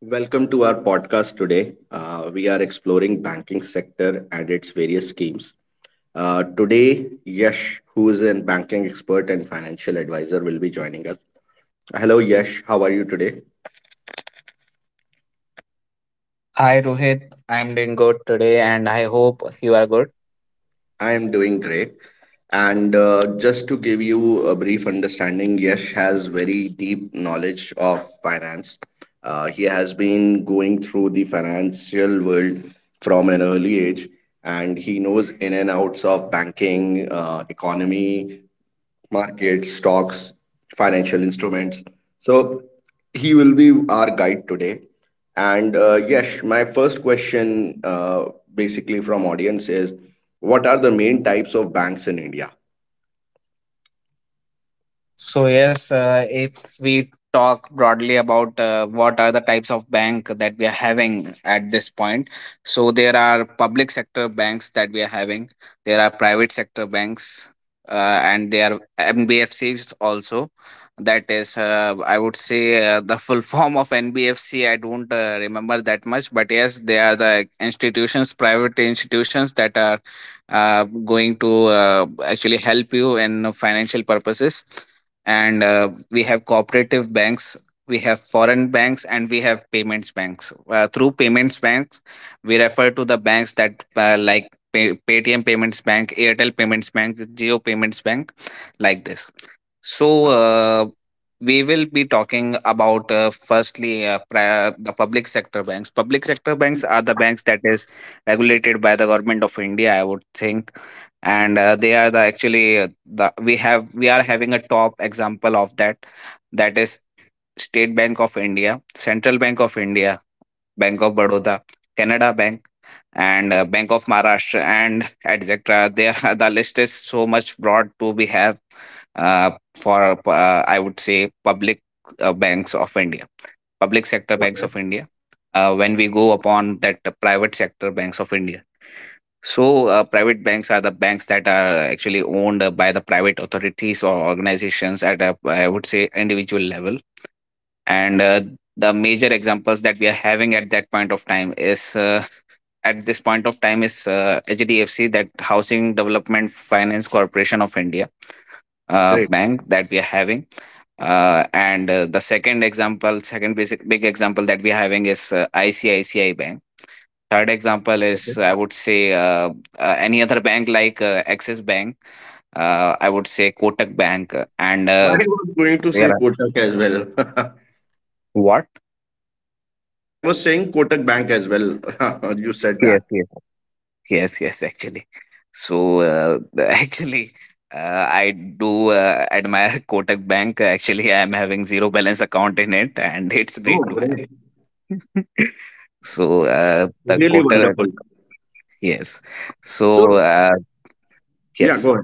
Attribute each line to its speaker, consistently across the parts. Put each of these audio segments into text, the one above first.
Speaker 1: Welcome to our podcast today. We are exploring banking sector and its various schemes. Today, Yash, who is a banking expert and financial advisor, will be joining us. Hello, Yash. How are you today?
Speaker 2: Hi Rohit, I'm doing good today and I hope you are good.
Speaker 1: I am doing great. And just to give you a brief understanding, Yash has very deep knowledge of finance. He has been going through the financial world from an early age, and he knows in and outs of banking, economy, markets, stocks, financial instruments. So he will be our guide today. And yes, my first question, basically from audience, is what are the main types of banks in India?
Speaker 2: So yes, if we talk broadly about what are the types of bank that we are having at this point, so there are public sector banks that we are having, there are private sector banks, and there are NBFCs also. That is, I would say the full form of NBFC. I don't remember that much, but yes, they are the institutions, private institutions that are going to actually help you in financial purposes and we have cooperative banks, we have foreign banks, and we have payments banks. Through payments banks we refer to the banks that like Paytm Payments Bank, Airtel Payments Bank, Geo Payments Bank, like this. So we will be talking about firstly the public sector banks. Public sector banks are the banks that is regulated by the Government of India, I would think. And they are the actually the we have we are having a top example of that, that is State Bank of India, Central Bank of India, Bank of Baroda, Canada Bank, and Bank of Maharashtra and etc. There, the list is so much broad to be have for I would say public banks of India, public sector banks
Speaker 1: Okay.
Speaker 2: of India. When we go upon that private sector banks of India, so private banks are the banks that are actually owned by the private authorities or organizations at a, I would say, individual level, and the major examples that we are having at that point of time is. At this point of time is HDFC, that Housing Development Finance Corporation of India
Speaker 1: Great.
Speaker 2: bank that we are having. And the second example, second basic big example that we are having is ICICI Bank. Third example is, I would say, any other bank like Axis Bank. I would say Kotak Bank and
Speaker 1: I was going to
Speaker 2: there
Speaker 1: say
Speaker 2: are,
Speaker 1: Kotak as well.
Speaker 2: what?
Speaker 1: I was saying Kotak Bank as well. You said that.
Speaker 2: Yes, yes. Yes, yes, actually. So, actually, I do admire Kotak Bank. Actually, I am having zero balance account in it, and it's
Speaker 1: Oh,
Speaker 2: great to have.
Speaker 1: great.
Speaker 2: So, the
Speaker 1: Really
Speaker 2: Kotak,
Speaker 1: wonderful.
Speaker 2: yes. So,
Speaker 1: So, yeah, go
Speaker 2: yes.
Speaker 1: ahead.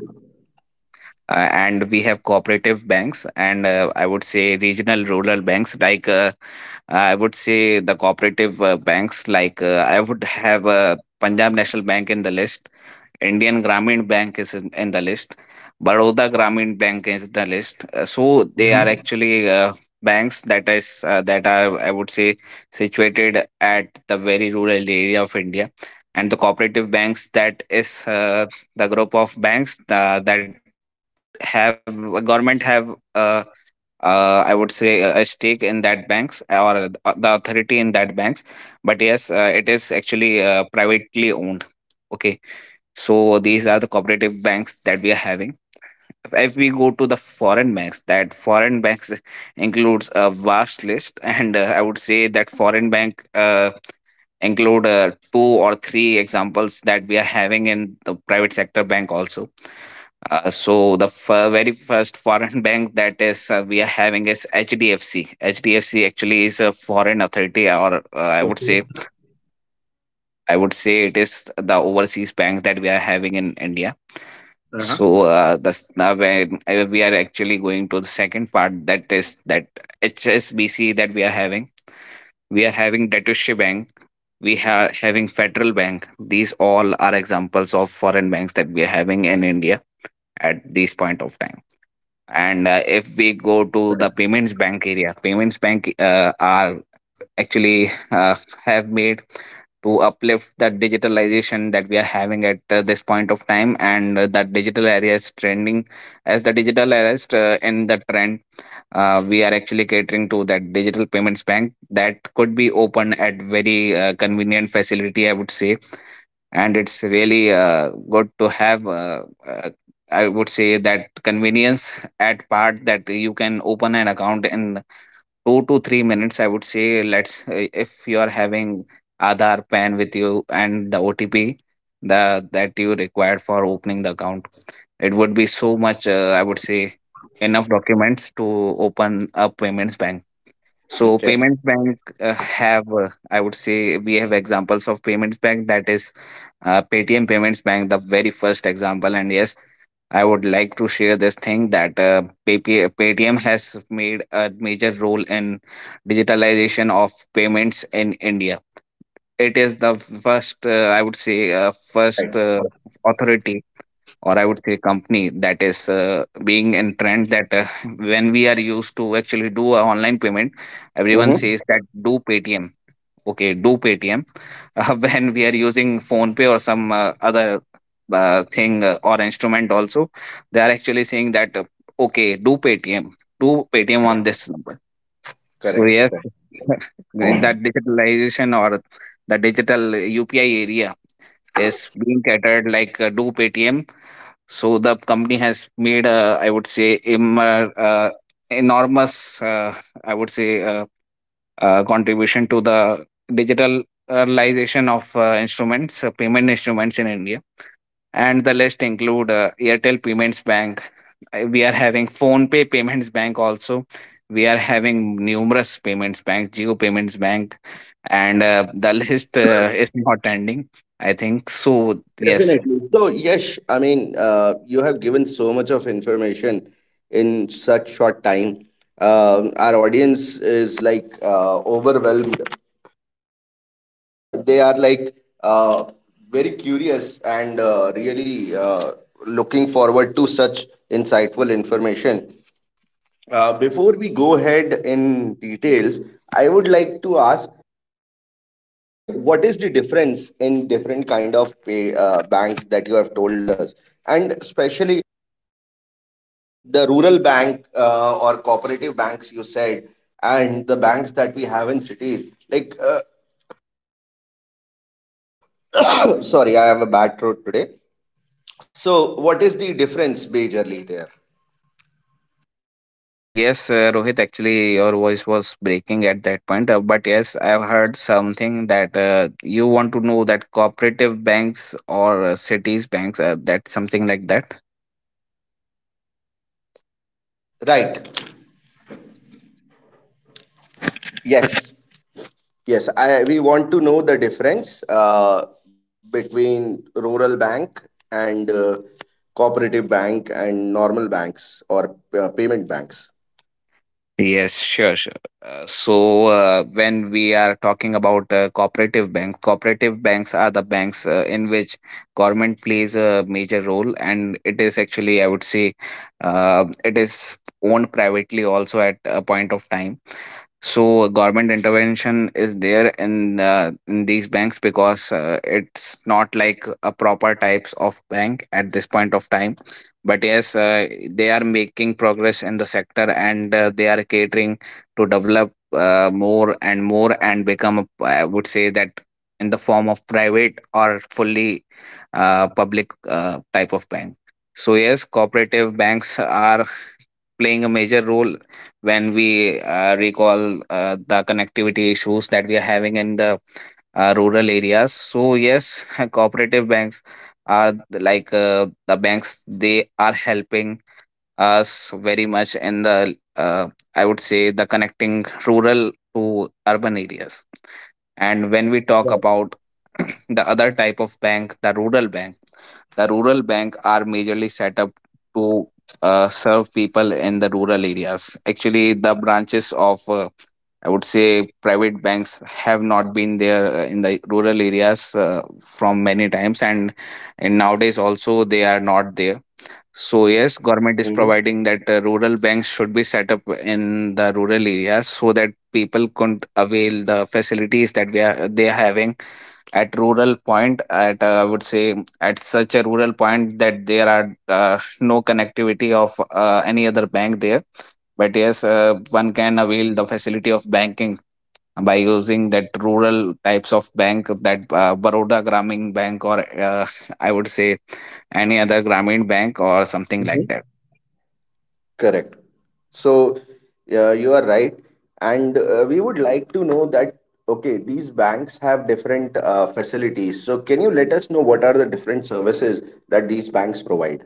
Speaker 2: And we have cooperative banks, and I would say regional rural banks like I would say the cooperative banks like I would have Punjab National Bank in the list, Indian Grameen Bank is in the list. Baroda Grameen Bank is in the list. So they are
Speaker 1: Mhm.
Speaker 2: actually banks that is that are, I would say, situated at the very rural area of India, and the cooperative banks that is the group of banks that have government have uh, I would say a stake in that banks, or the authority in that banks. But yes, it is actually owned. Okay, so these are the cooperative banks that we are having. If we go to the foreign banks, that foreign banks includes a vast list, and I would say that foreign bank include two or three examples that we are having in the private sector bank also. So the very first foreign bank that is we are having is HDFC. HDFC actually is a foreign authority, or
Speaker 1: Okay.
Speaker 2: I would say it is the overseas bank that we are having in India.
Speaker 1: Uh-huh.
Speaker 2: So that's now when we are actually going to the second part, that is that HSBC that we are having. We are having Deutsche Bank. We are having Federal Bank. These all are examples of foreign banks that we are having in India at this point of time. And if we go to the
Speaker 1: Correct.
Speaker 2: payments bank area, payments bank are actually have made to uplift that digitalization that we are having at this point of time. And that digital area is trending, as the digital area is in the trend, we are actually catering to that digital payments bank that could be open at very convenient facility, I would say. And it's really good to have, I would say that convenience at part, that you can open an account in 2 to 3 minutes, I would say. Let's If you are having Aadhaar, PAN with you, and the OTP, the that you required for opening the account, it would be so much, I would say, enough documents to open a payments bank. So
Speaker 1: Okay.
Speaker 2: payments bank have I would say we have examples of payments bank, that is Paytm Payments Bank, the very first example. And yes, I would like to share this thing that PayPay Paytm has made a major role in digitalization of payments in India. It is the first, I would say, first authority, or I would say company, that is being in trend, that when we are used to actually do a online payment, everyone
Speaker 1: Hmm.
Speaker 2: says that do Paytm, okay, do Paytm. When we are using Phone Pay or some other thing or instrument also, they are actually saying that okay, do Paytm, do Paytm on this number. So
Speaker 1: Correct.
Speaker 2: yes, that digitalization, or the digital UPI area is being catered like do Paytm. So the company has made a, I would say, im- uh, uh, enormous, uh, I would say, contribution to the digitalization of instruments, payment instruments in India. And the list include Airtel Payments Bank. We are having Phone Pay Payments Bank also. We are having numerous payments bank, Geo Payments Bank, and the list is not ending, I think so. Yes,
Speaker 1: Definitely. So, Yash, I mean, you have given so much of information in such short time. Our audience is like overwhelmed. They are like uh, very curious and really looking forward to such insightful information. Before we go ahead in details, I would like to ask what is the difference in different kind of banks that you have told us, and especially the rural bank or cooperative banks you said, and the banks that we have in cities like sorry, I have a bad throat today. So what is the difference majorly there?
Speaker 2: yes, Rohit, actually, your voice was breaking at that point. But yes, I've heard something that you want to know that cooperative banks or cities banks, that something like that.
Speaker 1: Right. Yes, yes, I we want to know the difference, between rural bank and cooperative bank and normal banks or payment banks.
Speaker 2: Yes, sure, sure. When we are talking about cooperative bank, cooperative banks are the banks in which government plays a major role, and it is actually, I would say, it is owned privately also at a point of time. So government intervention is there in these banks, because it's not like a proper types of bank at this point of time. But yes, they are making progress in the sector, and they are catering to develop more and more and become a, I would say that, in the form of private or fully public type of bank. So yes, cooperative banks are playing a major role. When we recall the connectivity issues that we are having in the rural areas. So, yes, cooperative banks are like the banks, they are helping us very much in the I would say the connecting rural to urban areas. And when we talk about the other type of bank, the rural bank, the rural bank are majorly set up to serve people in the rural areas. Actually, the branches of I would say private banks have not been there in the rural areas from many times, and nowadays also they are not there. So
Speaker 1: Hmm.
Speaker 2: yes, government is providing that rural banks should be set up in the rural areas, so that people could avail the facilities that we are they are having at rural point. At I would say at such a rural point that there are no connectivity of any other bank there. But yes, one can avail the facility of banking by using that rural types of bank, that Baroda Gramin Bank, or I would say any other Gramin bank or something like
Speaker 1: Hmm.
Speaker 2: that.
Speaker 1: Correct. So, yeah, you are right. And we would like to know that, okay, these banks have different facilities. So, can you let us know what are the different services that these banks provide?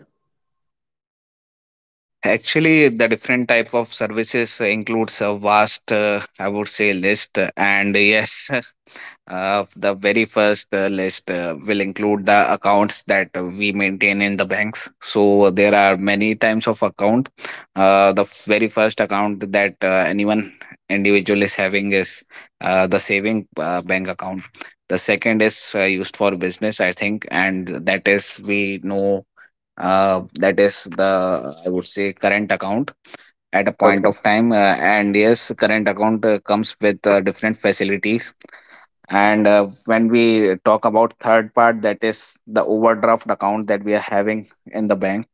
Speaker 2: Actually, the different type of services includes a vast, I would say, list. And yes, the very first list will include the accounts that we maintain in the banks. So there are many types of account. The very first account that anyone individual is having is the saving bank account. The second is used for business, I think, and that is we know, that is the, I would say, current account at a point
Speaker 1: Okay.
Speaker 2: of time, and yes current account comes with different facilities. And when we talk about third part, that is the overdraft account that we are having in the bank.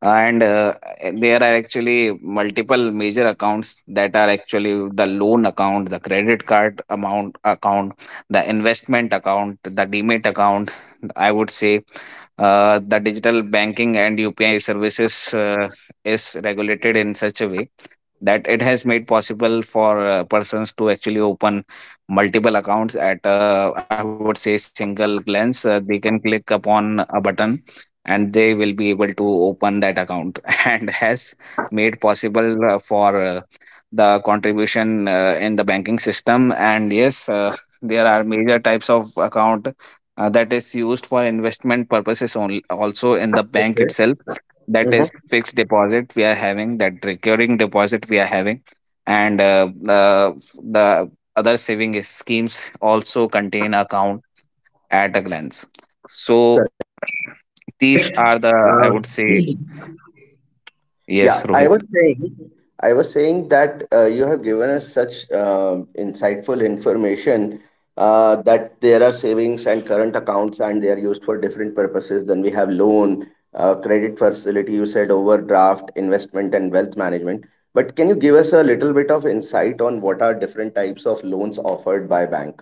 Speaker 2: And there are actually multiple major accounts, that are actually the loan account, the credit card amount account, the investment account, the demat account. I would say the digital banking and UPI services is regulated in such a way that it has made possible for persons to actually open multiple accounts at, I would say, single glance. They can click upon a button and they will be able to open that account, and has made possible for the contribution in the banking system. And yes, there are major types of account that is for investment purposes only also in the bank itself. That is
Speaker 1: Mm-hmm.
Speaker 2: fixed deposit we are having, that recurring deposit we are having, and the the other saving schemes also contain account at a glance. So these are the, I would say,
Speaker 1: Yeah,
Speaker 2: yes Rohit.
Speaker 1: I was saying that you have given us such insightful information, that there are savings and current accounts, and they are used for different purposes. Then we have loan, credit facility. You said overdraft, investment, and wealth management. But can you give us a little bit of insight on what are different types of loans offered by bank?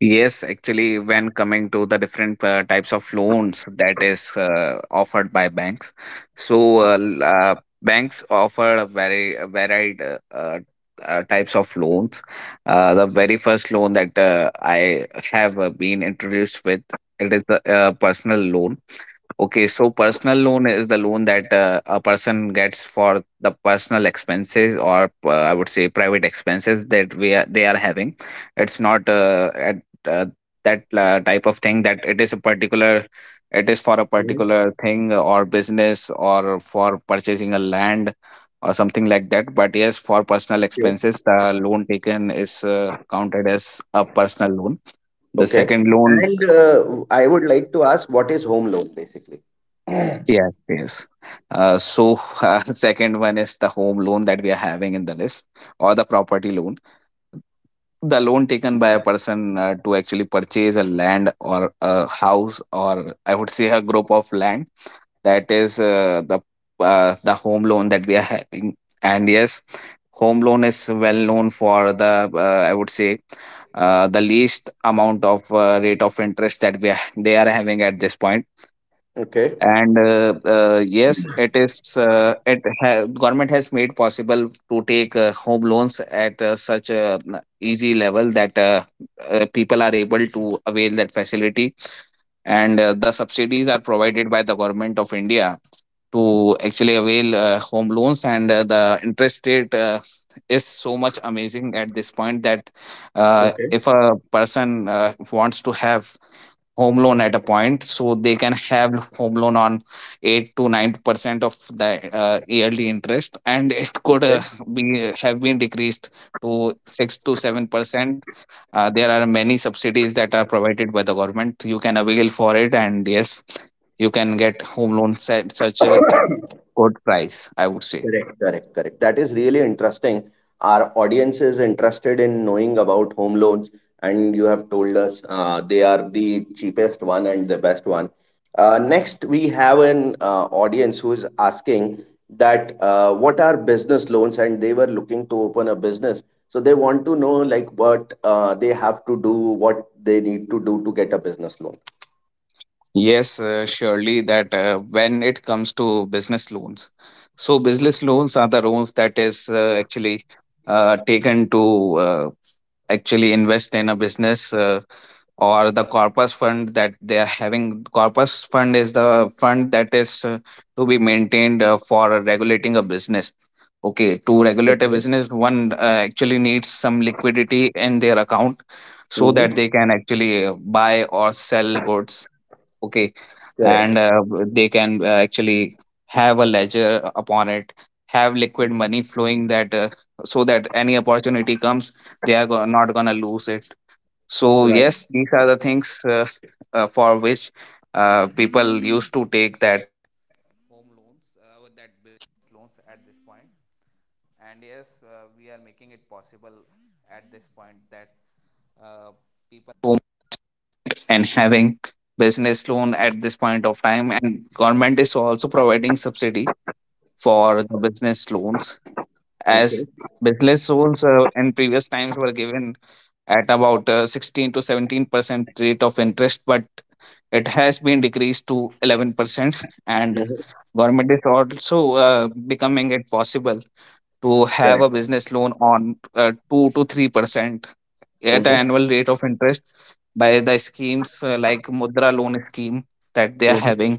Speaker 2: Yes, actually when coming to the different types of loans that is offered by banks. So banks offer a very a varied types of loans. The very first loan that I have been introduced with, it is the personal loan. Okay, so personal loan is the loan that a person gets for the personal expenses, or, I would say, private expenses that they are having. It's not at that type of thing, that it is for a
Speaker 1: Mhm.
Speaker 2: particular thing or business or for purchasing a land or something like that. But yes, for personal
Speaker 1: Okay.
Speaker 2: expenses, the loan taken is counted as a personal loan. The
Speaker 1: Okay.
Speaker 2: second loan.
Speaker 1: And I would like to ask, what is home loan basically?
Speaker 2: Yes, yes. So, second one is the home loan that we are having in the list, or the property loan. The loan taken by a person to actually purchase a land or a house, or, I would say, a group of land. That is the home loan that we are having. And yes, home loan is well known for the, I would say, the least amount of rate of interest that they are having at this point.
Speaker 1: Okay.
Speaker 2: And yes, it is, government has made possible to take home loans at such a easy level that people are able to avail that facility. And the subsidies are provided by the Government of India to actually avail home loans, and the interest rate is so much amazing at this point that
Speaker 1: Okay.
Speaker 2: if a person wants to have home loan at a point, so they can have home loan on 8 to 9% of the yearly interest, and it could be have been decreased to 6 to 7%. There are many subsidies that are provided by the government, you can avail for it, and yes, you can get home loan at such a
Speaker 1: Okay.
Speaker 2: good price, I would say.
Speaker 1: Correct, correct, correct. That is really interesting. Our audience is interested in knowing about home loans, and you have told us they are the cheapest one and the best one. Next, we have an audience who is asking that what are business loans, and they were looking to open a business. So they want to know like what they have to do, what they need to do to get a business loan.
Speaker 2: Yes, surely that when it comes to business loans. So business loans are the loans that is actually taken to actually invest in a business, or the corpus fund that they are having. Corpus fund is the fund that is to be maintained for regulating a business. Okay, to regulate a
Speaker 1: Okay.
Speaker 2: business, one actually needs some liquidity in their account so that
Speaker 1: Mm-hmm.
Speaker 2: they can actually buy or sell goods, okay,
Speaker 1: Correct.
Speaker 2: and they can actually have a ledger upon it, have liquid
Speaker 1: Mhm.
Speaker 2: money flowing, that so that any opportunity comes, they are not going to lose it. So
Speaker 1: Right.
Speaker 2: yes, these are the things for which people used to take at this point of time, and government is also providing subsidy for the business loans, as
Speaker 1: Okay.
Speaker 2: business loans in previous times were given at about 16 to 17% rate of interest, but it has been decreased to 11%. And
Speaker 1: Mm-hmm.
Speaker 2: government is also uh, becoming it possible to have
Speaker 1: Correct.
Speaker 2: a business loan on 2 to 3% at
Speaker 1: Mm-hmm.
Speaker 2: an annual rate of interest, by the schemes like Mudra loan scheme that they are
Speaker 1: Mm-hmm.
Speaker 2: having,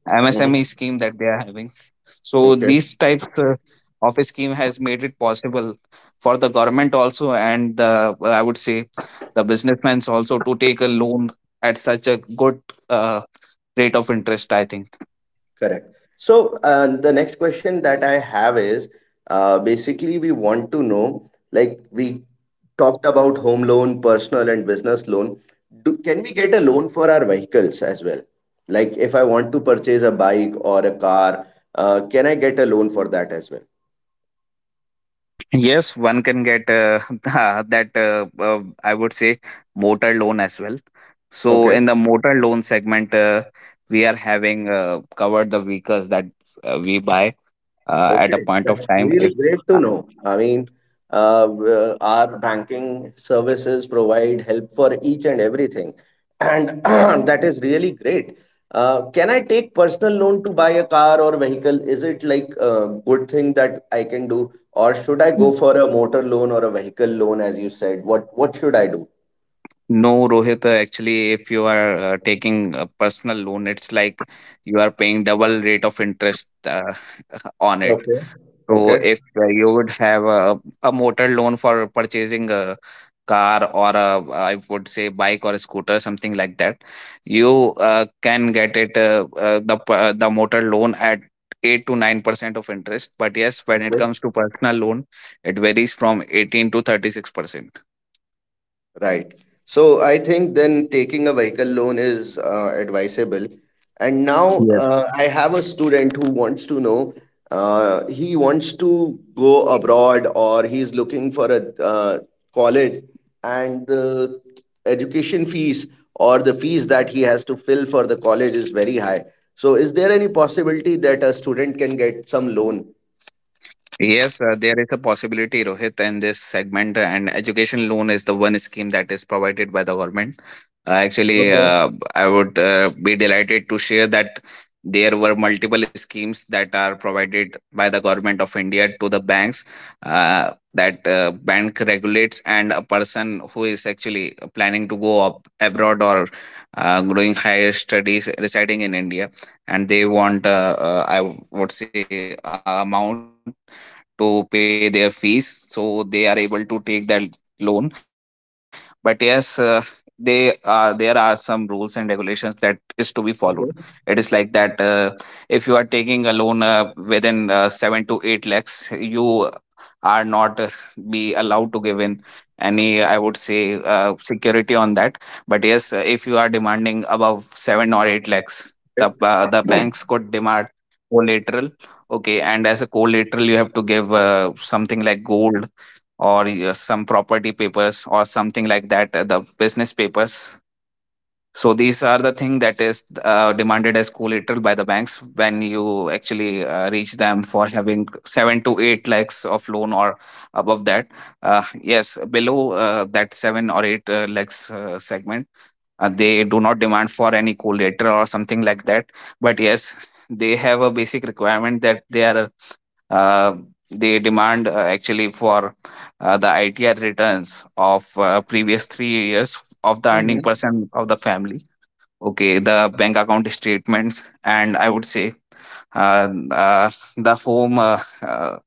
Speaker 2: MSME scheme that they are having. So
Speaker 1: Okay,
Speaker 2: these types of a scheme has made it possible for the government also, and the, I would say, the businessmen also, to take a loan at such a good uh, rate of interest, I think.
Speaker 1: correct. So the next question that I have is basically we want to know like we talked about home loan, personal and business loan. Can we get a loan for our vehicles as well? Like if I want to purchase a bike or a car, can I get a loan for that as well?
Speaker 2: Yes, one can get that, I would say, motor loan as well. So in the motor loan segment, we are having covered the vehicles that we buy at a
Speaker 1: Okay,
Speaker 2: point of
Speaker 1: that's
Speaker 2: time. If
Speaker 1: really great to
Speaker 2: uh,
Speaker 1: know. I mean, our banking services provide help for each and everything, and that is really great. Can I take personal loan to buy a car or vehicle? Is it like a good thing that I can do, or should I go for a motor loan or a vehicle loan, as you said? What should I do?
Speaker 2: no, Rohit, actually, if you are taking a personal loan, it's like you are paying double rate of interest on it.
Speaker 1: Okay.
Speaker 2: So
Speaker 1: Okay.
Speaker 2: if you would have a motor loan for purchasing a car, or, a, I would say, bike or a scooter, something like that, you can get it the motor loan at 8 to 9% of interest. But yes, when it comes to personal loan, it varies from 18 to 36%.
Speaker 1: Right. So I think then taking a vehicle loan is advisable. And now I have a student who wants to know, he wants to go abroad or he's looking for a college, and the education fees or the fees that he has to fill for the college is very high. So is there any possibility that a student can get some loan?
Speaker 2: Yes, there is a possibility, Rohit, in this segment, and education loan is the one scheme that is provided by the government. Actually, I would be delighted to share that there were multiple schemes that are provided by the Government of India to the banks, that bank regulates, and a person who is actually planning to go up abroad, or doing higher studies residing in India, and they want, I would say, amount to pay their fees, so they are able to take that loan. But yes, they are, there are some rules and regulations that is to be followed. It is like that if you are taking a loan within 7 to 8 lakhs, you are not be allowed to give in any, I would say, security on that. But yes, if you are demanding above 7 or 8 lakhs, the banks could demand collateral. Okay, and as a collateral you have to give something like gold, or some property papers or something like that, the business papers. So these are the thing that is demanded as collateral by the banks when you actually for having seven to eight lakhs of loan or above that. Yes, below that seven or eight lakhs segment, they do not demand for any collateral or something like that. But yes, they have a basic requirement that they are uh, they demand actually for the ITR returns of previous 3 years of the earning
Speaker 1: Mhm.
Speaker 2: person of the family. Okay, the bank account statements, and, I would say, uh, uh, the home uh, uh,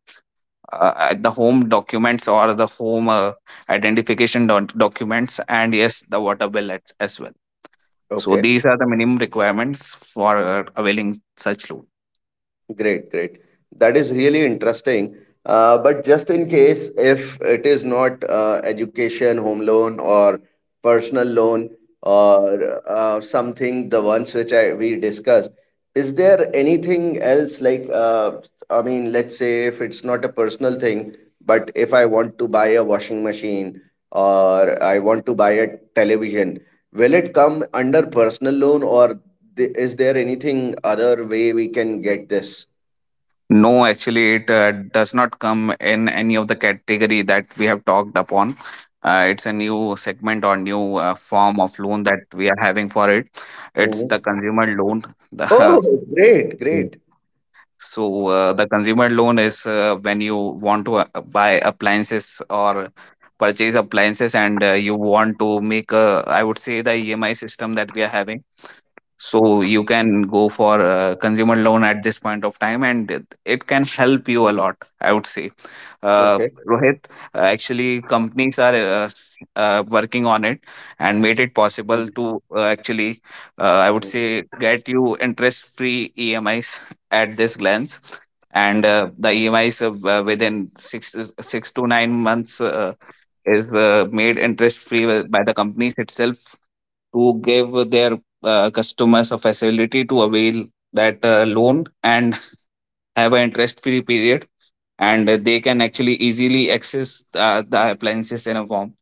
Speaker 2: the home documents, or the home identification documents, and yes, the water bill as well. So
Speaker 1: Okay.
Speaker 2: these are the minimum requirements for availing such loan.
Speaker 1: Great, great. That is really interesting. But just in case, if it is not education, home loan, or personal loan, or something, the ones which I we discussed, is there anything else like, I mean, let's say if it's not a personal thing, but if I want to buy a washing machine or I want to buy a television, will it come under personal loan, or is there anything other way we can get this?
Speaker 2: No, actually, it does not come in any of the category that we have talked upon. It's a new segment, or new form of loan that we are having for it. It's the
Speaker 1: Mhm.
Speaker 2: consumer loan. The,
Speaker 1: Oh, great,
Speaker 2: yeah,
Speaker 1: great.
Speaker 2: so the consumer loan is when you want to buy appliances or purchase appliances, and you want to make I would say, the EMI system that we are having. So you can go for a consumer loan at this point of time, and it can help you a lot, I would say, uh,
Speaker 1: Okay.
Speaker 2: Rohit. Actually companies are working on it, and made it possible
Speaker 1: Mhm.
Speaker 2: to actually, I would say,
Speaker 1: Mhm.
Speaker 2: get you interest free EMIs at this glance. And the EMIs of, within 6 to 9 months is made interest free by the companies itself, to give their customers a facility to avail that loan and have an interest free period, and they can actually easily access the appliances in a form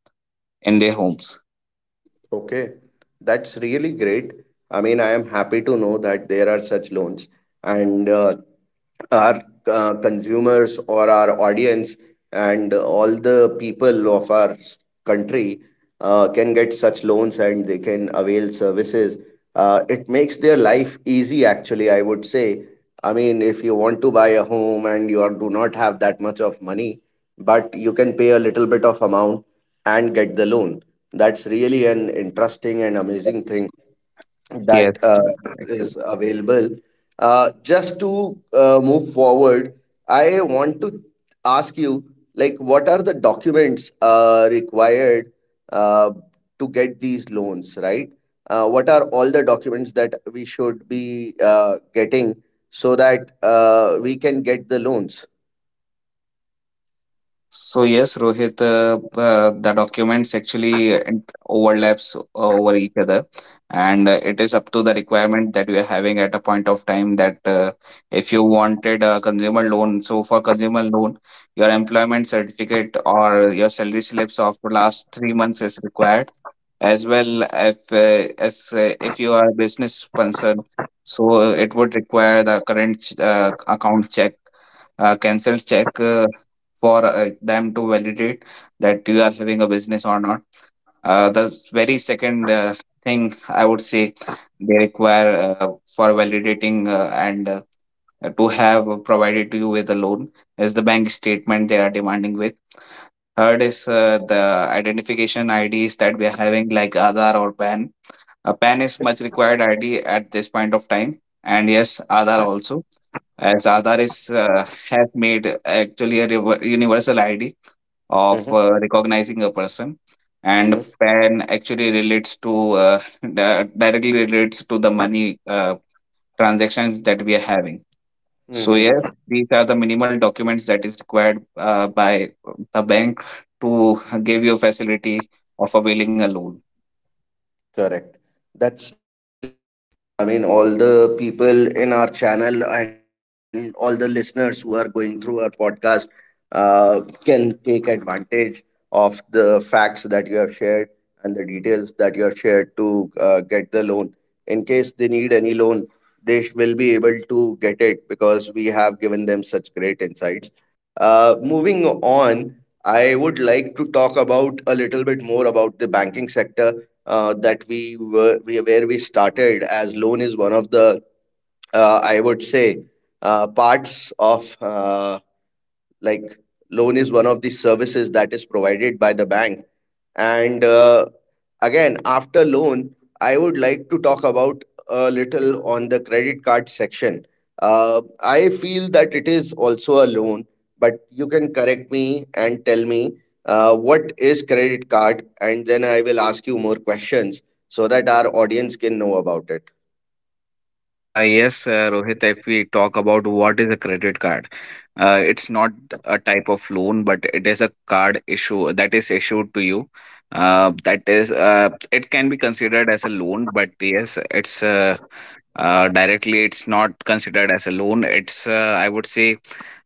Speaker 2: in their homes.
Speaker 1: Okay. That's really great. I mean, I am happy to know that there are such loans and our consumers or our audience and all the people of our country can get such loans and they can avail services. It makes their life easy, actually, I would say. I mean, if you want to buy a home and you are, do not have that much of money, but you can pay a little bit of amount and get the loan. That's really an interesting and amazing thing that
Speaker 2: Yes, sir. Like,
Speaker 1: is available. Just to move forward, I want to ask you, like, what are the documents required uh, to get these loans, right? What are all the documents that we should be getting so that we can get the loans?
Speaker 2: so yes, Rohit, the documents actually overlaps over each other, and it is up to the requirement that we are having at a point of time. That if you wanted a consumer loan, so for consumer loan, your employment certificate or your salary slips of the last 3 months is required. As well if as if you are a business person, so it would require the current account check, cancel check, for them to validate that you are having a business or not. The very second thing, I would say, they require for validating, and to have provided to you with a loan, is the bank statement they are demanding with. Third is the identification IDs that we are having, like Aadhaar or PAN. A PAN is
Speaker 1: Okay.
Speaker 2: much required ID at this point of time, and yes, Aadhaar also, as Aadhaar is have made actually a universal ID of
Speaker 1: Mm-hmm,
Speaker 2: recognizing a person, and pan actually relates to directly relates to the money transactions that we are having.
Speaker 1: mm-hmm,
Speaker 2: So yes,
Speaker 1: mm-hmm.
Speaker 2: these are the minimal documents that is required by the bank to give you a facility of availing a loan.
Speaker 1: Correct. That's, I mean, all the people in our channel and all the listeners who are going through our podcast uh, can take advantage of the facts that you have shared and the details that you have shared to get the loan. In case they need any loan, will be able to get it because we have given them such great insights. Moving on, I would like to talk about a little bit more about the banking that where we started, as loan is one of the I would say parts of like loan is one of the services that is provided by the bank, and again, after loan, I would like to talk about a little on the credit card section. I feel that it is also a loan, but you can correct me and tell me what is credit card, and then I will ask you more questions so that our audience can know about it.
Speaker 2: Yes, Rohit, if we talk about what is a credit card, it's not a type of loan, but it is a card issue that is issued to you. That is, it can be considered as a loan, but yes, it's directly it's not considered as a loan. It's, I would say,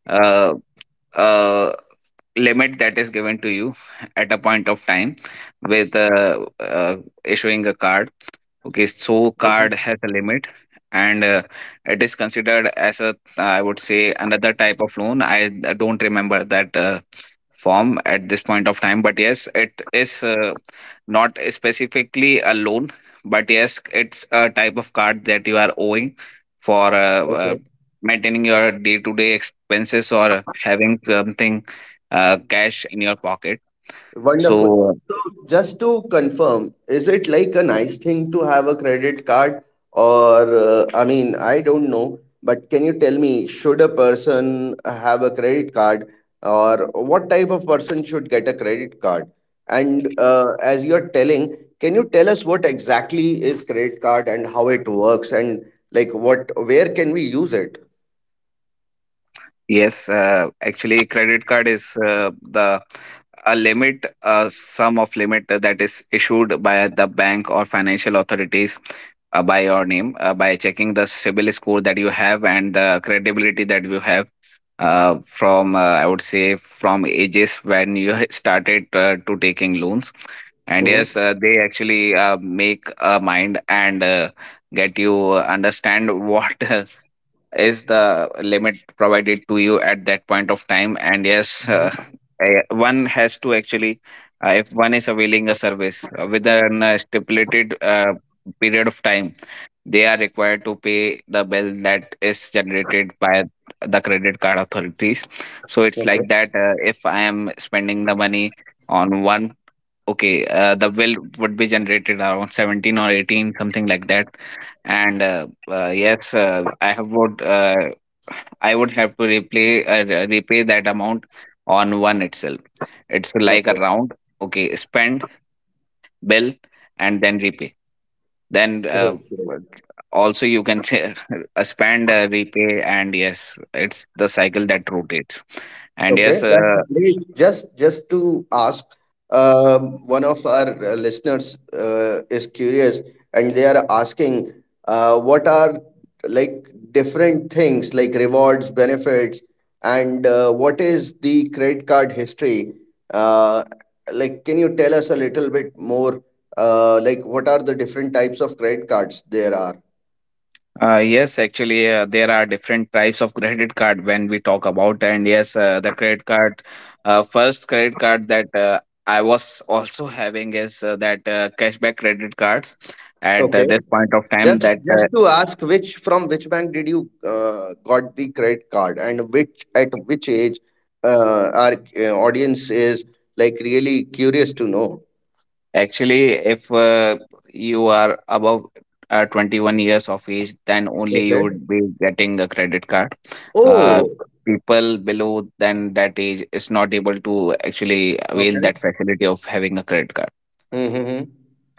Speaker 2: uh, uh, limit that is given to you at a point of time with issuing a card. Okay, so card
Speaker 1: Mhm.
Speaker 2: has a limit, and it is considered as a, I would say, another type of loan. I don't remember that form at this point of time, but yes, it is not specifically a loan, but yes, it's a type of card that you are owing for
Speaker 1: Okay.
Speaker 2: maintaining your day-to-day expenses or having something cash in your pocket.
Speaker 1: Wonderful.
Speaker 2: So
Speaker 1: Just to confirm, is it like a nice thing to have a credit card? Or, I mean, I don't know, but can you tell me, should a person have a credit card? Or what type of person should get a credit card? And as you're telling, can you tell us what exactly is credit card and how it works and like what, where can we use it?
Speaker 2: yes, actually, credit card is the a limit, a sum of limit that is issued by the bank or financial authorities by your name by checking the CIBIL score that you have and the credibility that you have from I would say from ages when you started to taking loans. And
Speaker 1: Mm-hmm.
Speaker 2: yes, they actually make a mind and get you understand what is the limit provided to you at that point of time, and yes, one has to actually if one is availing a service with an stipulated period of time, they are required to pay the bill that is generated by the credit card authorities. So it's like
Speaker 1: Okay.
Speaker 2: that, if I am spending the money on one, okay, the bill would be generated around 17 or 18, something like that, and yes, I have would I would have to repay, repay that amount on one itself. It's like a
Speaker 1: Okay.
Speaker 2: round. Okay, spend, bill, and then repay. Then uh,
Speaker 1: Great. Great.
Speaker 2: w- Also you can spend, repay, and yes, it's the cycle that rotates. And
Speaker 1: Okay,
Speaker 2: yes, uh,
Speaker 1: that's great. Just to ask, one of our listeners is curious and they are asking, what are like different things like rewards, benefits, and what is the credit card history? Uh, like, can you tell us a little bit more? Like, what are the different types of credit cards there are?
Speaker 2: Uh, yes, actually, there are different types of credit card when we talk about, and yes, the credit card, first credit card that I was also having is that cashback credit cards at this point of time.
Speaker 1: Just,
Speaker 2: That
Speaker 1: just to ask, which from which bank did you got the credit card, and which at which age our audience is like really curious to know.
Speaker 2: Actually, if you are above 21 years of age, then only you
Speaker 1: Okay.
Speaker 2: would be getting a credit card. Uh,
Speaker 1: Oh.
Speaker 2: People below than that age is not able to actually avail
Speaker 1: Okay.
Speaker 2: that facility of having a credit card.
Speaker 1: Mm-hmm.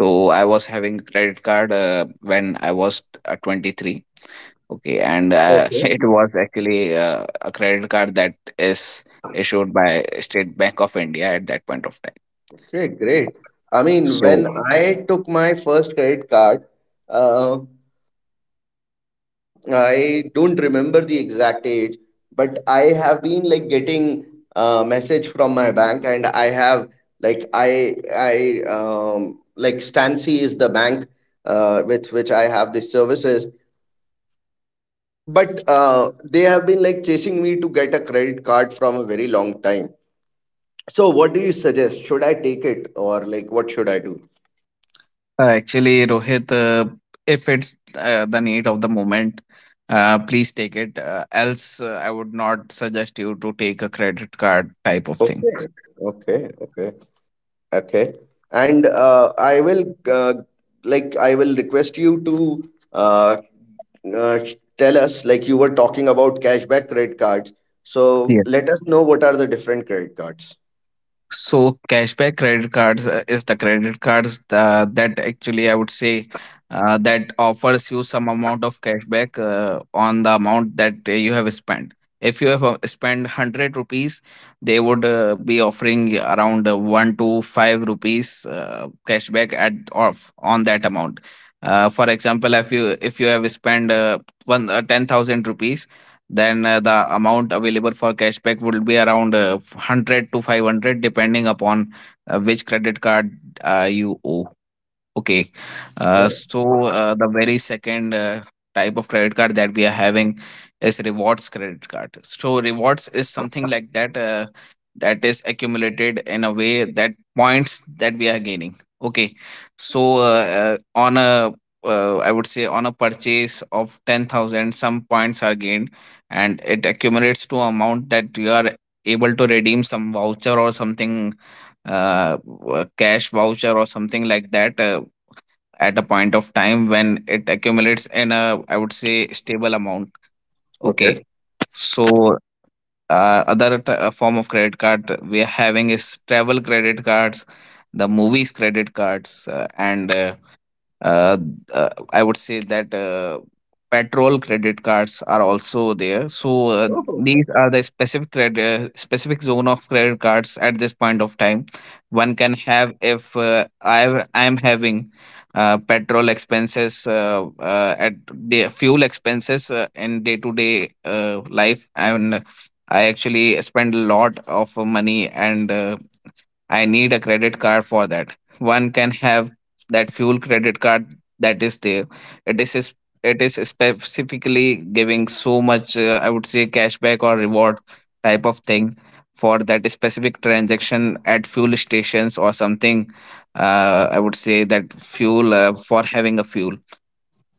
Speaker 2: So I was having credit card when I was 23. Okay, and
Speaker 1: Okay.
Speaker 2: it was actually a credit card that is issued by State Bank of India at that point of time.
Speaker 1: Okay. Great. I mean,
Speaker 2: So
Speaker 1: when I took my first credit card, uh, I don't remember the exact age, but I have been like getting a message from my bank, and I have like I like Stancy is the bank with which I have the services, but they have been like chasing me to get a credit card from a very long time. So what do you suggest? Should I take it or like what should I do?
Speaker 2: actually, Rohit, if it's the need of the moment, please take it. Else, I would not suggest you to take a credit card type of thing.
Speaker 1: Okay, okay. Okay. And I will like I will request you to uh, uh, tell us like you were talking about cashback credit cards. So let us know what are the different credit cards.
Speaker 2: So cashback credit cards is the credit cards that actually I would say that offers you some amount of cashback on the amount that you have spent. If you have spent 100 rupees, they would be offering around 1 to 5 rupees cashback at off on that amount. For example, if you have spent one 10,000 rupees, then the amount available for cashback would be around 100 to 500, depending upon which credit card you owe. Okay. Uh,
Speaker 1: Okay.
Speaker 2: so uh, the very second type of credit card that we are having is rewards credit card. So rewards is something like that that is accumulated in a way that points that we are gaining. Okay. So on a I would say on a purchase of 10,000, some points are gained and it accumulates to amount that you are able to redeem some voucher or something, cash voucher or something like that at a point of time when it accumulates in a, I would say, stable amount. Okay,
Speaker 1: Okay.
Speaker 2: so other form of credit card we are having is travel credit cards, the movies credit cards, and uh, I would say that petrol credit cards are also there. So
Speaker 1: Oh,
Speaker 2: these are the specific credit, specific zone of credit cards at this point of time. One can have if I am having petrol expenses at the fuel expenses in day to day life, and I actually spend a lot of money and I need a credit card for that. One can have that fuel credit card that is there. It is sp- it is specifically giving so much I would say cashback or reward type of thing for that specific transaction at fuel stations or something. I would say that fuel for having a fuel.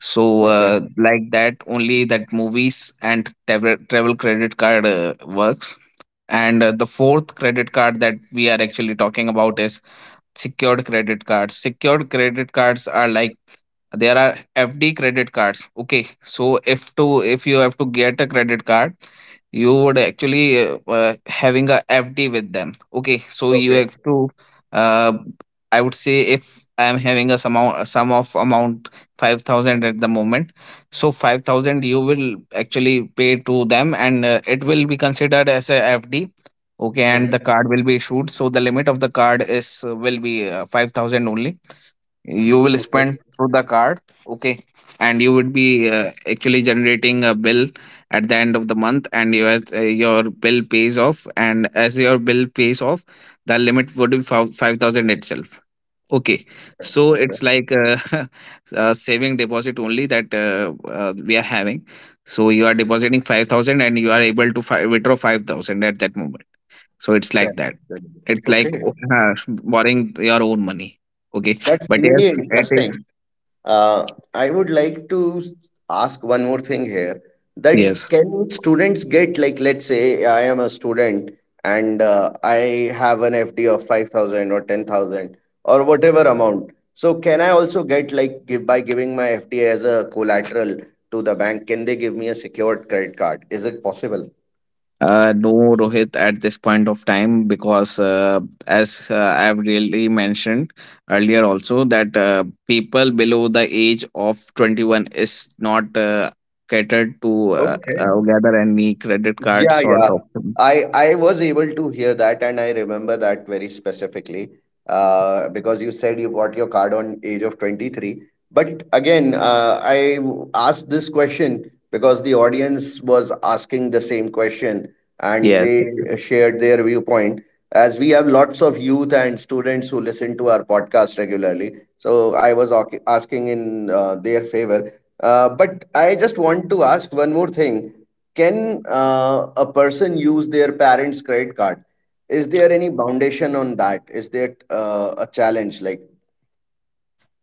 Speaker 2: So
Speaker 1: okay.
Speaker 2: like that only, that movies and travel credit card works. And the fourth credit card that we are actually talking about is secured credit cards. Secured credit cards are like, there are FD credit cards. Okay, so if you have to get a credit card, you would actually having a FD with them. Okay, so you
Speaker 1: Okay.
Speaker 2: have to uh, I would say, if I am having a sum amount, sum of amount 5,000 at the moment, so 5,000 you will actually pay to them, and it will be considered as a FD. Okay,
Speaker 1: Hmm.
Speaker 2: and the card will be issued. So the limit of the card is will be 5,000 only. You will
Speaker 1: Okay.
Speaker 2: spend through the card. Okay, and you would be actually generating a bill at the end of the month, and your bill pays off, and as your bill pays off, the limit would be 5,000 itself. Okay, so
Speaker 1: Okay.
Speaker 2: it's like saving deposit only that we are having. So you are depositing 5,000 and you are able to withdraw 5,000 at that moment. So it's like
Speaker 1: Correct.
Speaker 2: that.
Speaker 1: Correct.
Speaker 2: It's like
Speaker 1: Okay.
Speaker 2: borrowing your own money. Okay,
Speaker 1: That's
Speaker 2: but yes,
Speaker 1: really
Speaker 2: it is.
Speaker 1: interesting. Uh, I would like to ask one more thing here that
Speaker 2: Yes.
Speaker 1: can students get, like let's say I am a student and I have an FD of 5,000 or 10,000 or whatever amount. So can I also get like give by giving my FD as a collateral to the bank? Can they give me a secured credit card? Is it possible?
Speaker 2: No, Rohit, at this point of time, because as I've really mentioned earlier also that people below the age of 21 is not catered to
Speaker 1: Okay.
Speaker 2: gather any credit card
Speaker 1: Yeah,
Speaker 2: sort
Speaker 1: yeah.
Speaker 2: of thing.
Speaker 1: I was able to hear that and I remember that very specifically. Because you said you got your card on age of 23. But again, asked this question because the audience was asking the same question and
Speaker 2: Yes,
Speaker 1: they
Speaker 2: actually.
Speaker 1: shared their viewpoint. As we have lots of youth and students who listen to our podcast regularly, so asking in their favor. But I just want to ask one more thing, can a person use their parents' credit card? Is there any foundation on that? Is there a challenge like?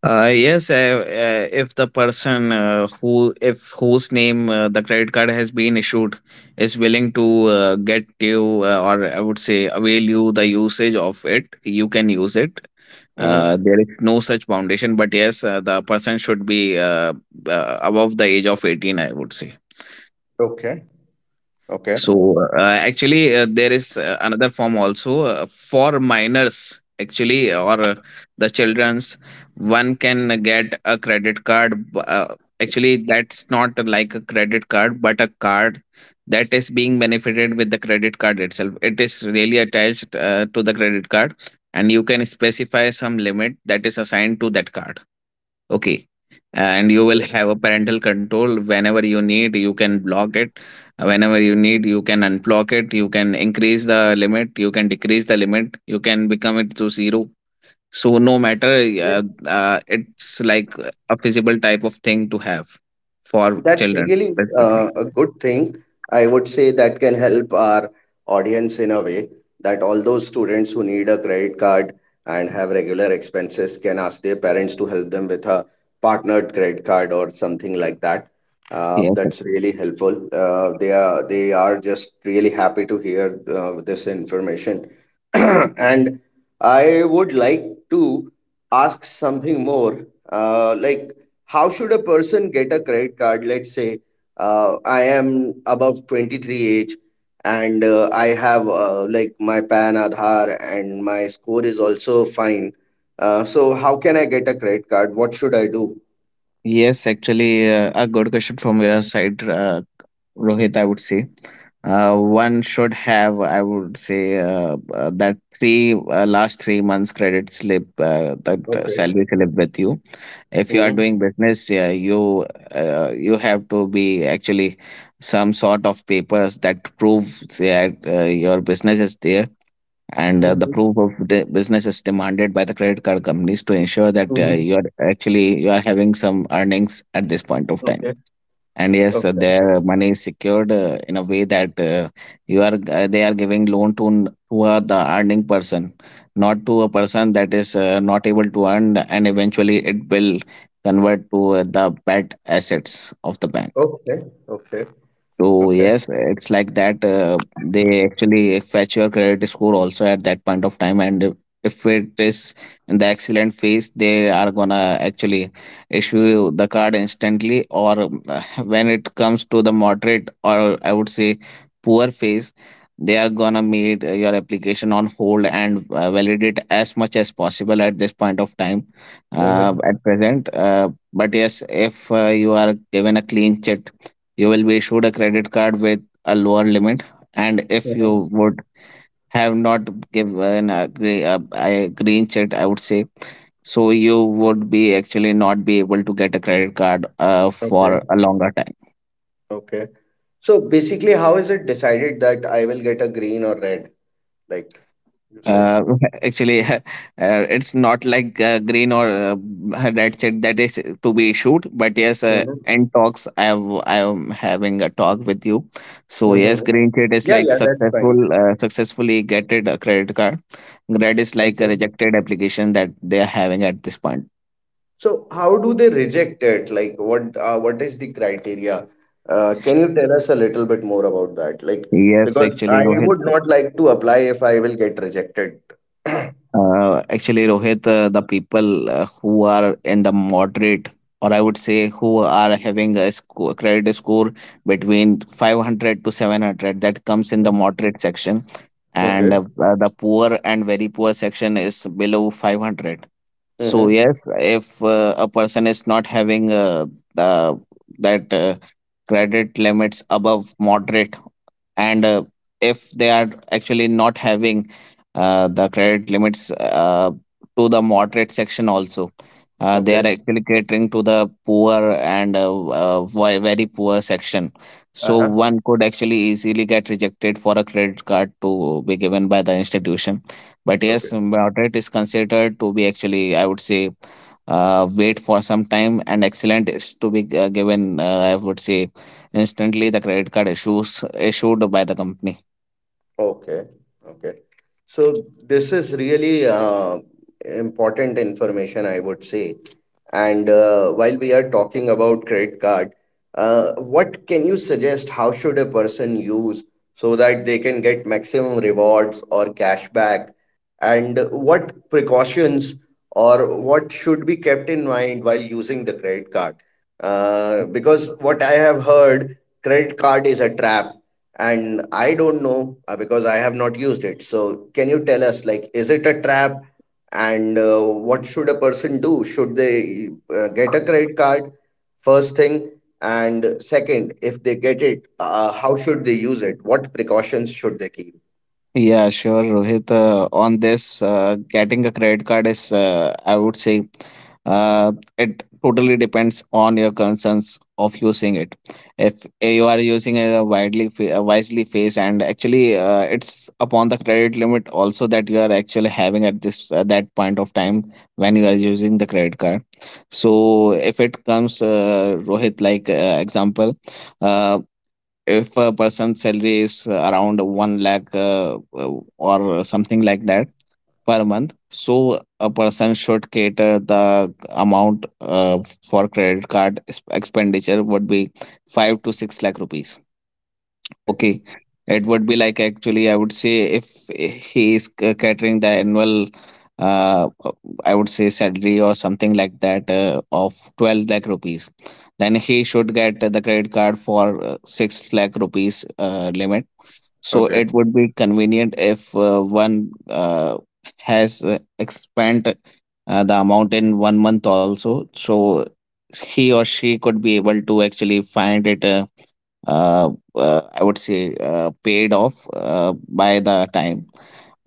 Speaker 2: Yes, if the person who if whose name the credit card has been issued is willing to get you or I would say avail you the usage of it, you can use it.
Speaker 1: Mhm.
Speaker 2: There is no such foundation, but yes, the person should be above the age of 18, I would say.
Speaker 1: Okay. Okay.
Speaker 2: So actually there is another form also for minors, actually, or the children's, one can get a credit card actually that's not like a credit card, but a card that is being benefited with the credit card itself. It is really attached to the credit card, and you can specify some limit that is assigned to that card. Okay. And you will
Speaker 1: Okay.
Speaker 2: have a parental control. Whenever you need, you can block it. Whenever you need, you can unblock it. You can increase the limit. You can decrease the limit. You can become it to zero. So, no matter,
Speaker 1: Okay.
Speaker 2: it's like a feasible type of thing to have for
Speaker 1: That's
Speaker 2: children,
Speaker 1: really
Speaker 2: specifically.
Speaker 1: a good thing. I would say that can help our audience in a way that all those students who need a credit card and have regular expenses can ask their parents to help them with a partnered credit card or something like that.
Speaker 2: Yes,
Speaker 1: That's
Speaker 2: actually.
Speaker 1: really helpful. They are just really happy to hear this information, and I would like to ask something more. Like how should a person get a credit card, let's say I am above 23 age, and I have like my PAN Aadhaar and my score is also fine. So how can I get a credit card? What should I do?
Speaker 2: Yes, actually, a good question from your side, Rohit, I would say. One should have, I would say, that three last 3 months credit slip, that
Speaker 1: Okay.
Speaker 2: salary slip with you. If you are
Speaker 1: Hmm.
Speaker 2: doing business, yeah, you you have to be actually some sort of papers that proves that your business is there, and the
Speaker 1: Hmm.
Speaker 2: proof of the business is demanded by the credit card companies to ensure that uh,
Speaker 1: Hmm.
Speaker 2: you are actually you are having some earnings at this point of time,
Speaker 1: Okay.
Speaker 2: and yes,
Speaker 1: Okay.
Speaker 2: their money is secured in a way that you are they are giving loan to the earning person, not to a person that is not able to earn, and eventually it will convert to the bad assets of the bank.
Speaker 1: Okay. Okay.
Speaker 2: So
Speaker 1: Okay.
Speaker 2: yes, it's like that. They actually fetch your credit score also at that point of time, and if it is in the excellent phase, they are gonna actually issue you the card instantly. Or when it comes to the moderate, or I would say poor phase, they are gonna make your application on hold and validate as much as possible at this point of time. Uh,
Speaker 1: Hmm.
Speaker 2: at present, uh, but yes, if you are given a clean chit, you will be issued a credit card with a lower limit. And if you
Speaker 1: Hmm.
Speaker 2: would have not given a, a green check, I would say, so you would be actually not be able to get a credit card for
Speaker 1: Okay.
Speaker 2: a longer time.
Speaker 1: Okay. So basically how is it decided that I will get a green or red, like you
Speaker 2: Uh, Actually, it's not like green or red shit that is to be issued. But yes,
Speaker 1: said?
Speaker 2: end talks. I am having a talk with you. So yes,
Speaker 1: Mm-hmm.
Speaker 2: green shit is
Speaker 1: Yeah,
Speaker 2: like
Speaker 1: yeah, that's fine.
Speaker 2: successful, successfully getted a credit card. Red is like a
Speaker 1: Okay.
Speaker 2: rejected application that they are having at this point.
Speaker 1: So how do they reject it? Like what, what is the criteria? Can you tell us a little bit more about that? Like,
Speaker 2: Yes,
Speaker 1: because
Speaker 2: actually,
Speaker 1: I
Speaker 2: Rohit.
Speaker 1: would not like to apply if I will get rejected.
Speaker 2: Rohit, the people who are in the moderate, or I would say who are having a credit score between 500 to 700, that comes in the
Speaker 1: Mm.
Speaker 2: moderate section, and
Speaker 1: Okay.
Speaker 2: the poor and very poor section is below 500. So
Speaker 1: Mm-hmm.
Speaker 2: yes, if a person is not having the that credit limits above moderate, and if they are actually not having the credit limits to the moderate section also, they
Speaker 1: Okay.
Speaker 2: are actually catering to the poor and very poor section, so
Speaker 1: Uh-huh.
Speaker 2: one could actually easily get rejected for a credit card to be given by the institution. But yes, moderate is considered to be actually, I would say, wait for some time, and excellent is to be given, I would say instantly, the credit card issues issued by the company.
Speaker 1: Okay, okay. So this is really important information, I would say. And while we are talking about credit card, what can you suggest? How should a person use, so that they can get maximum rewards or cashback? And what precautions or what should be kept in mind while using the credit card? Because what I have heard, credit card is a trap and I don't know because I have not used it. So can you tell us, like, is it a trap? And what should a person do? Should they get a credit card, first thing, and second, if they get it, how should they use it? What precautions should they keep?
Speaker 2: Yeah, sure, Rohit. On this, getting a credit card is, I would say, uh, it totally depends on your concerns of using it. If you are using a wisely phase, and actually, it's upon the credit limit also that you are actually having at this that point of time when you are using the credit card. So, if it comes, Rohit, like example, uh, if a person's salary is around 1 lakh or something like that per month, so a person should cater the amount uh, for credit card expenditure would be 5 to 6 lakh rupees.
Speaker 1: Okay.
Speaker 2: Okay, it would be like actually, I would say, if he is catering the annual, uh, uh, I would say salary or something like that of 12 lakh rupees, then he should get the credit card for 6 lakh rupees limit. So
Speaker 1: Okay.
Speaker 2: it would be convenient if one has expand the amount in 1 month also, so he or she could be able to actually find it I would say paid off by the time.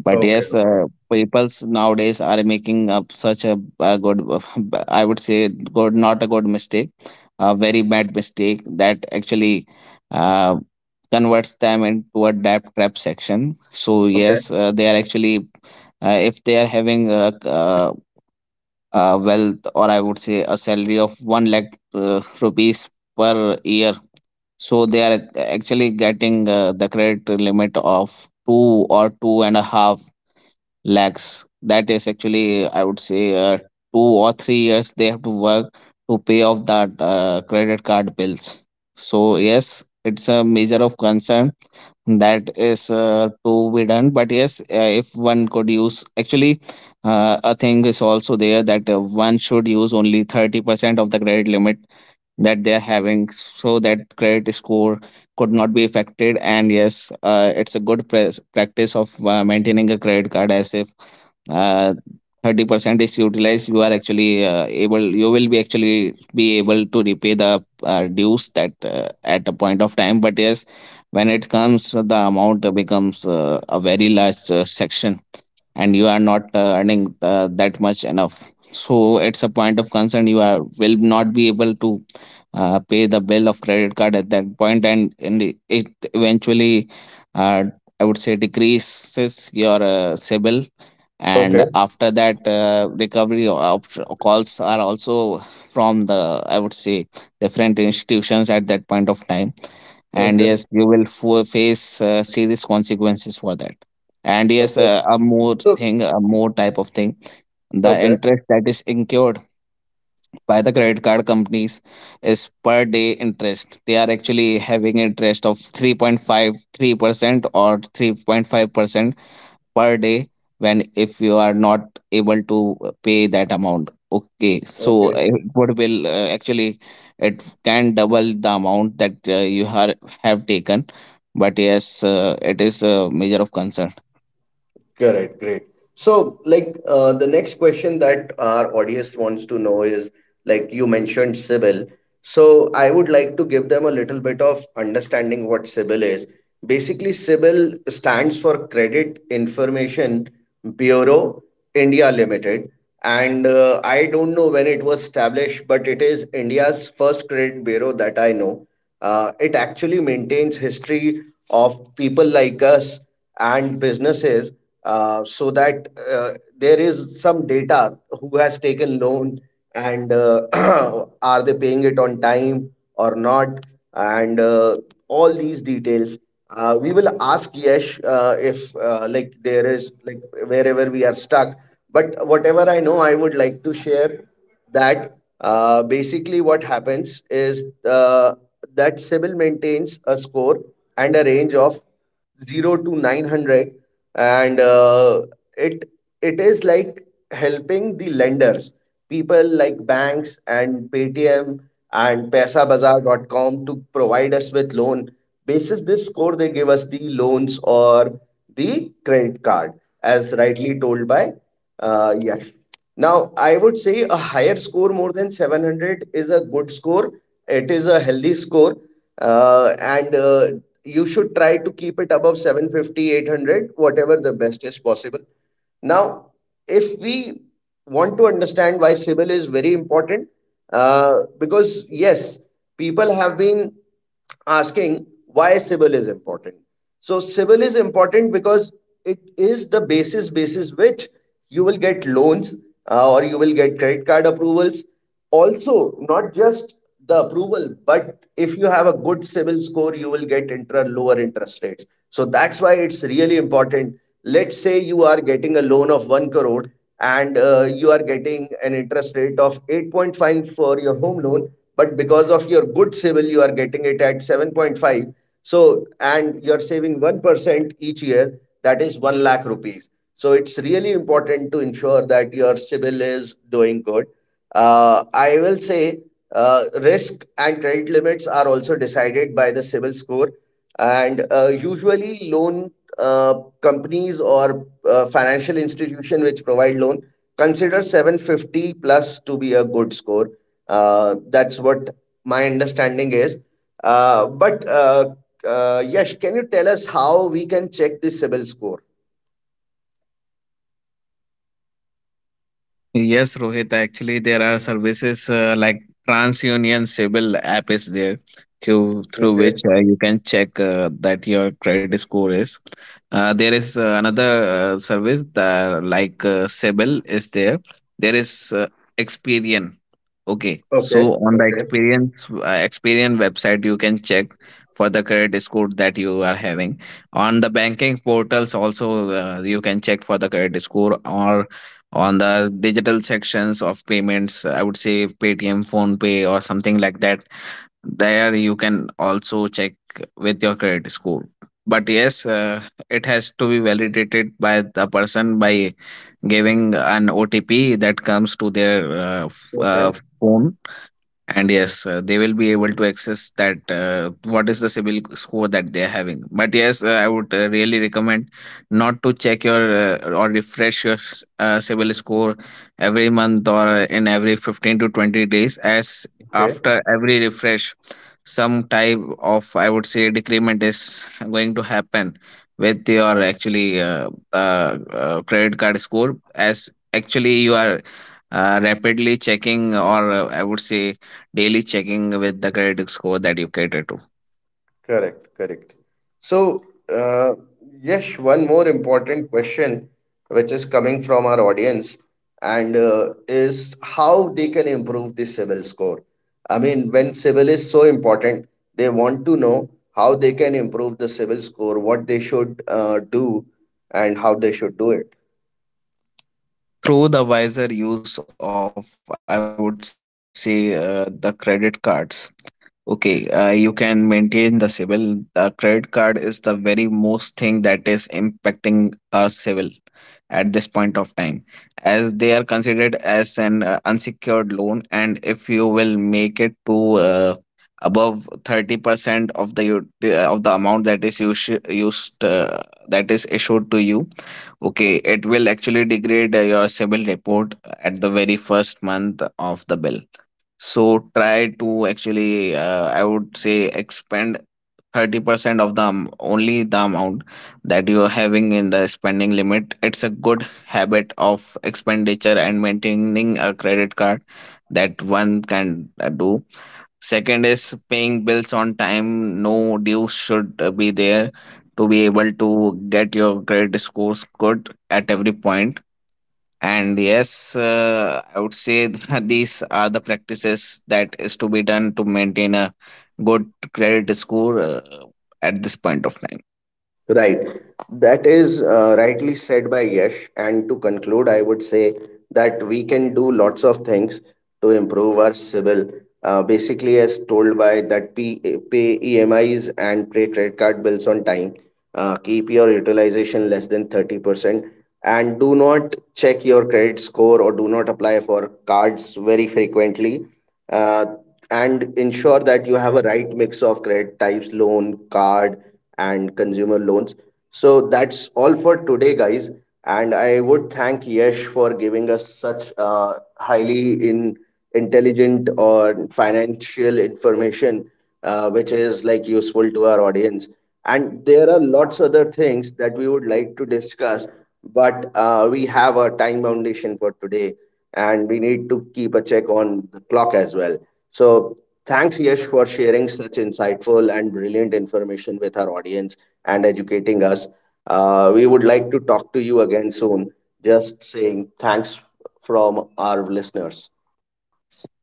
Speaker 2: But
Speaker 1: Okay.
Speaker 2: yes,
Speaker 1: Okay.
Speaker 2: peoples nowadays are making up such a good, I would say, good, not a good mistake, a very bad mistake, that actually uh, converts them into a debt trap section. So
Speaker 1: Okay.
Speaker 2: yes, they are actually if they are having a, uh wealth, or I would say a salary of 1 lakh rupees per year, so they are actually getting the credit limit of two or two and a half lakhs. That is actually, I would say, 2 or 3 years they have to work to pay off that credit card bills. So yes, it's a measure of concern that is to be done. But yes, if one could use actually, a thing is also there that one should use only 30% of the credit limit that they are having, so that credit score could not be affected. And yes, it's a good practice of maintaining a credit card, as if uh, 30% is utilized, you are actually able you will be actually be able to repay the dues that at a point of time. But yes, when it comes, the amount becomes a very large section, and you are not earning that much enough, so it's a point of concern. You are will not be able to pay the bill of credit card at that point, and it eventually uh, I would say decreases your sibil, and
Speaker 1: Okay.
Speaker 2: after that recovery calls are also from the, I would say, different institutions at that point of time. And
Speaker 1: Okay.
Speaker 2: yes, you will face serious consequences for that. And yes,
Speaker 1: Okay. So,
Speaker 2: a more type of thing: the
Speaker 1: okay.
Speaker 2: interest that is incurred by the credit card companies is per day interest. They are actually having interest of 3.53% or 3.5% per day when, if you are not able to pay that amount. Okay, so
Speaker 1: Okay.
Speaker 2: what will actually, it can double the amount that you are, have taken, but yes, it is a measure of concern.
Speaker 1: Correct, great. So, like, the next question that our audience wants to know is, like, you mentioned CIBIL. So, I would like to give them a little bit of understanding what CIBIL is. Basically, CIBIL stands for Credit Information Bureau India Limited. And I don't know when it was established, but it is India's first credit bureau that I know. It actually maintains history of people like us and businesses so that there is some data who has taken loan, and are they paying it on time or not, and all these details, we will ask Yash if like there is like wherever we are stuck, but whatever I know I would like to share that, basically what happens is, that Sybil maintains a score and a range of 0 to 900, and it it is like helping the lenders, people like banks and paytm and paisabazaar.com, to provide us with loan. Basis this score, they give us the loans or the credit card, as rightly told by Yash. Now I would say a higher score, more than 700, is a good score. It is a healthy score. And you should try to keep it above 750, 800, whatever the best is possible. Now, if we want to understand why civil is very important, because yes, people have been asking why civil is important. So civil is important because it is the basis basis which you will get loans, or you will get credit card approvals. Also, not just the approval, but if you have a good civil score, you will get inter lower interest rates. So that's why it's really important. Let's say you are getting a loan of 1 crore and you are getting an interest rate of 8.5 for your home loan, but because of your good civil, you are getting it at 7.5. So, and you're saving 1% each year, that is 1 lakh rupees. So it's really important to ensure that your civil is doing good. I will say risk and credit limits are also decided by the CIBIL score, and usually loan uh, companies or financial institution which provide loan consider 750 plus to be a good score. That's what my understanding is. But Yash, can you tell us how we can check the CIBIL score?
Speaker 2: Yes, Rohit. Actually, there are services like TransUnion Civil app is there, through
Speaker 1: Okay.
Speaker 2: which you can check that your credit score is. There is another service that, like, Civil is there. There is Experian. Okay,
Speaker 1: Okay.
Speaker 2: so on the
Speaker 1: Okay.
Speaker 2: experience Experian website, you can check for the credit score that you are having. On the banking portals, also you can check for the credit score, or on the digital sections of payments, I would say Paytm, phone pay or something like that, there you can also check with your credit score. But yes, it has to be validated by the person by giving an OTP that comes to their
Speaker 1: Okay.
Speaker 2: phone, and yes, they will be able to access that what is the civil score that they are having. But yes, I would really recommend not to check your or refresh your civil score every month or in every 15 to 20 days, as
Speaker 1: Okay.
Speaker 2: after every refresh some type of, I would say, decrement is going to happen with your actually credit card score, as actually you are rapidly checking, or I would say daily checking with the credit score that you cater to.
Speaker 1: Correct, correct. So, uh, Yash, one more important question which is coming from our audience, and is how they can improve the civil score. I mean, when civil is so important, they want to know how they can improve the civil score, what they should do, and how they should do it.
Speaker 2: Through the wiser use of, I would say, the credit cards, okay, you can maintain the civil. The credit card is the very most thing that is impacting our civil at this point of time, as they are considered as an unsecured loan. And if you will make it to above 30% of the of the amount that is used, that is issued to you, okay, it will actually degrade your civil report at the very first month of the bill. So try to actually, I would say, expend 30% of the only the amount that you are having in the spending limit. It's a good habit of expenditure and maintaining a credit card that one can do. Second is paying bills on time. No dues should be there to be able to get your credit scores good at every point. And yes, I would say that these are the practices that is to be done to maintain a good credit score at this point of time.
Speaker 1: Right. That is rightly said by Yash. And to conclude, I would say that we can do lots of things to improve our civil. Basically, as told by that, pay EMIs and pay credit card bills on time. Keep your utilization less than 30%. And do not check your credit score or do not apply for cards very frequently. Uh, and ensure that you have a right mix of credit types, loan, card, and consumer loans. So that's all for today, guys. And I would thank Yash for giving us such highly in intelligent or financial information, which is like useful to our audience. And there are lots other things that we would like to discuss, but we have a time foundation for today, and we need to keep a check on the clock as well. So thanks, Yash, for sharing such insightful and brilliant information with our audience and educating us. We would like to talk to you again soon. Just saying thanks from our listeners.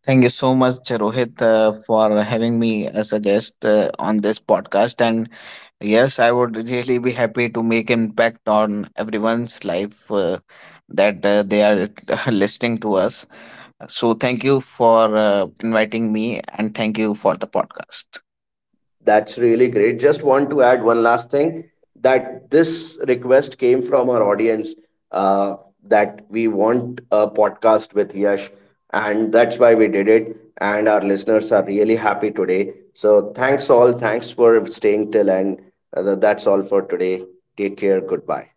Speaker 2: Thank you so much, Rohit, for having me as a guest on this podcast. And yes, I would really be happy to make impact on everyone's life that they are listening to us. So thank you for inviting me, and thank you for the podcast.
Speaker 1: That's really great. Just want to add one last thing, that this request came from our audience, uh, that we want a podcast with Yash, and that's why we did it. And our listeners are really happy today. So, thanks all. Thanks for staying till end. That's all for today. Take care. Goodbye.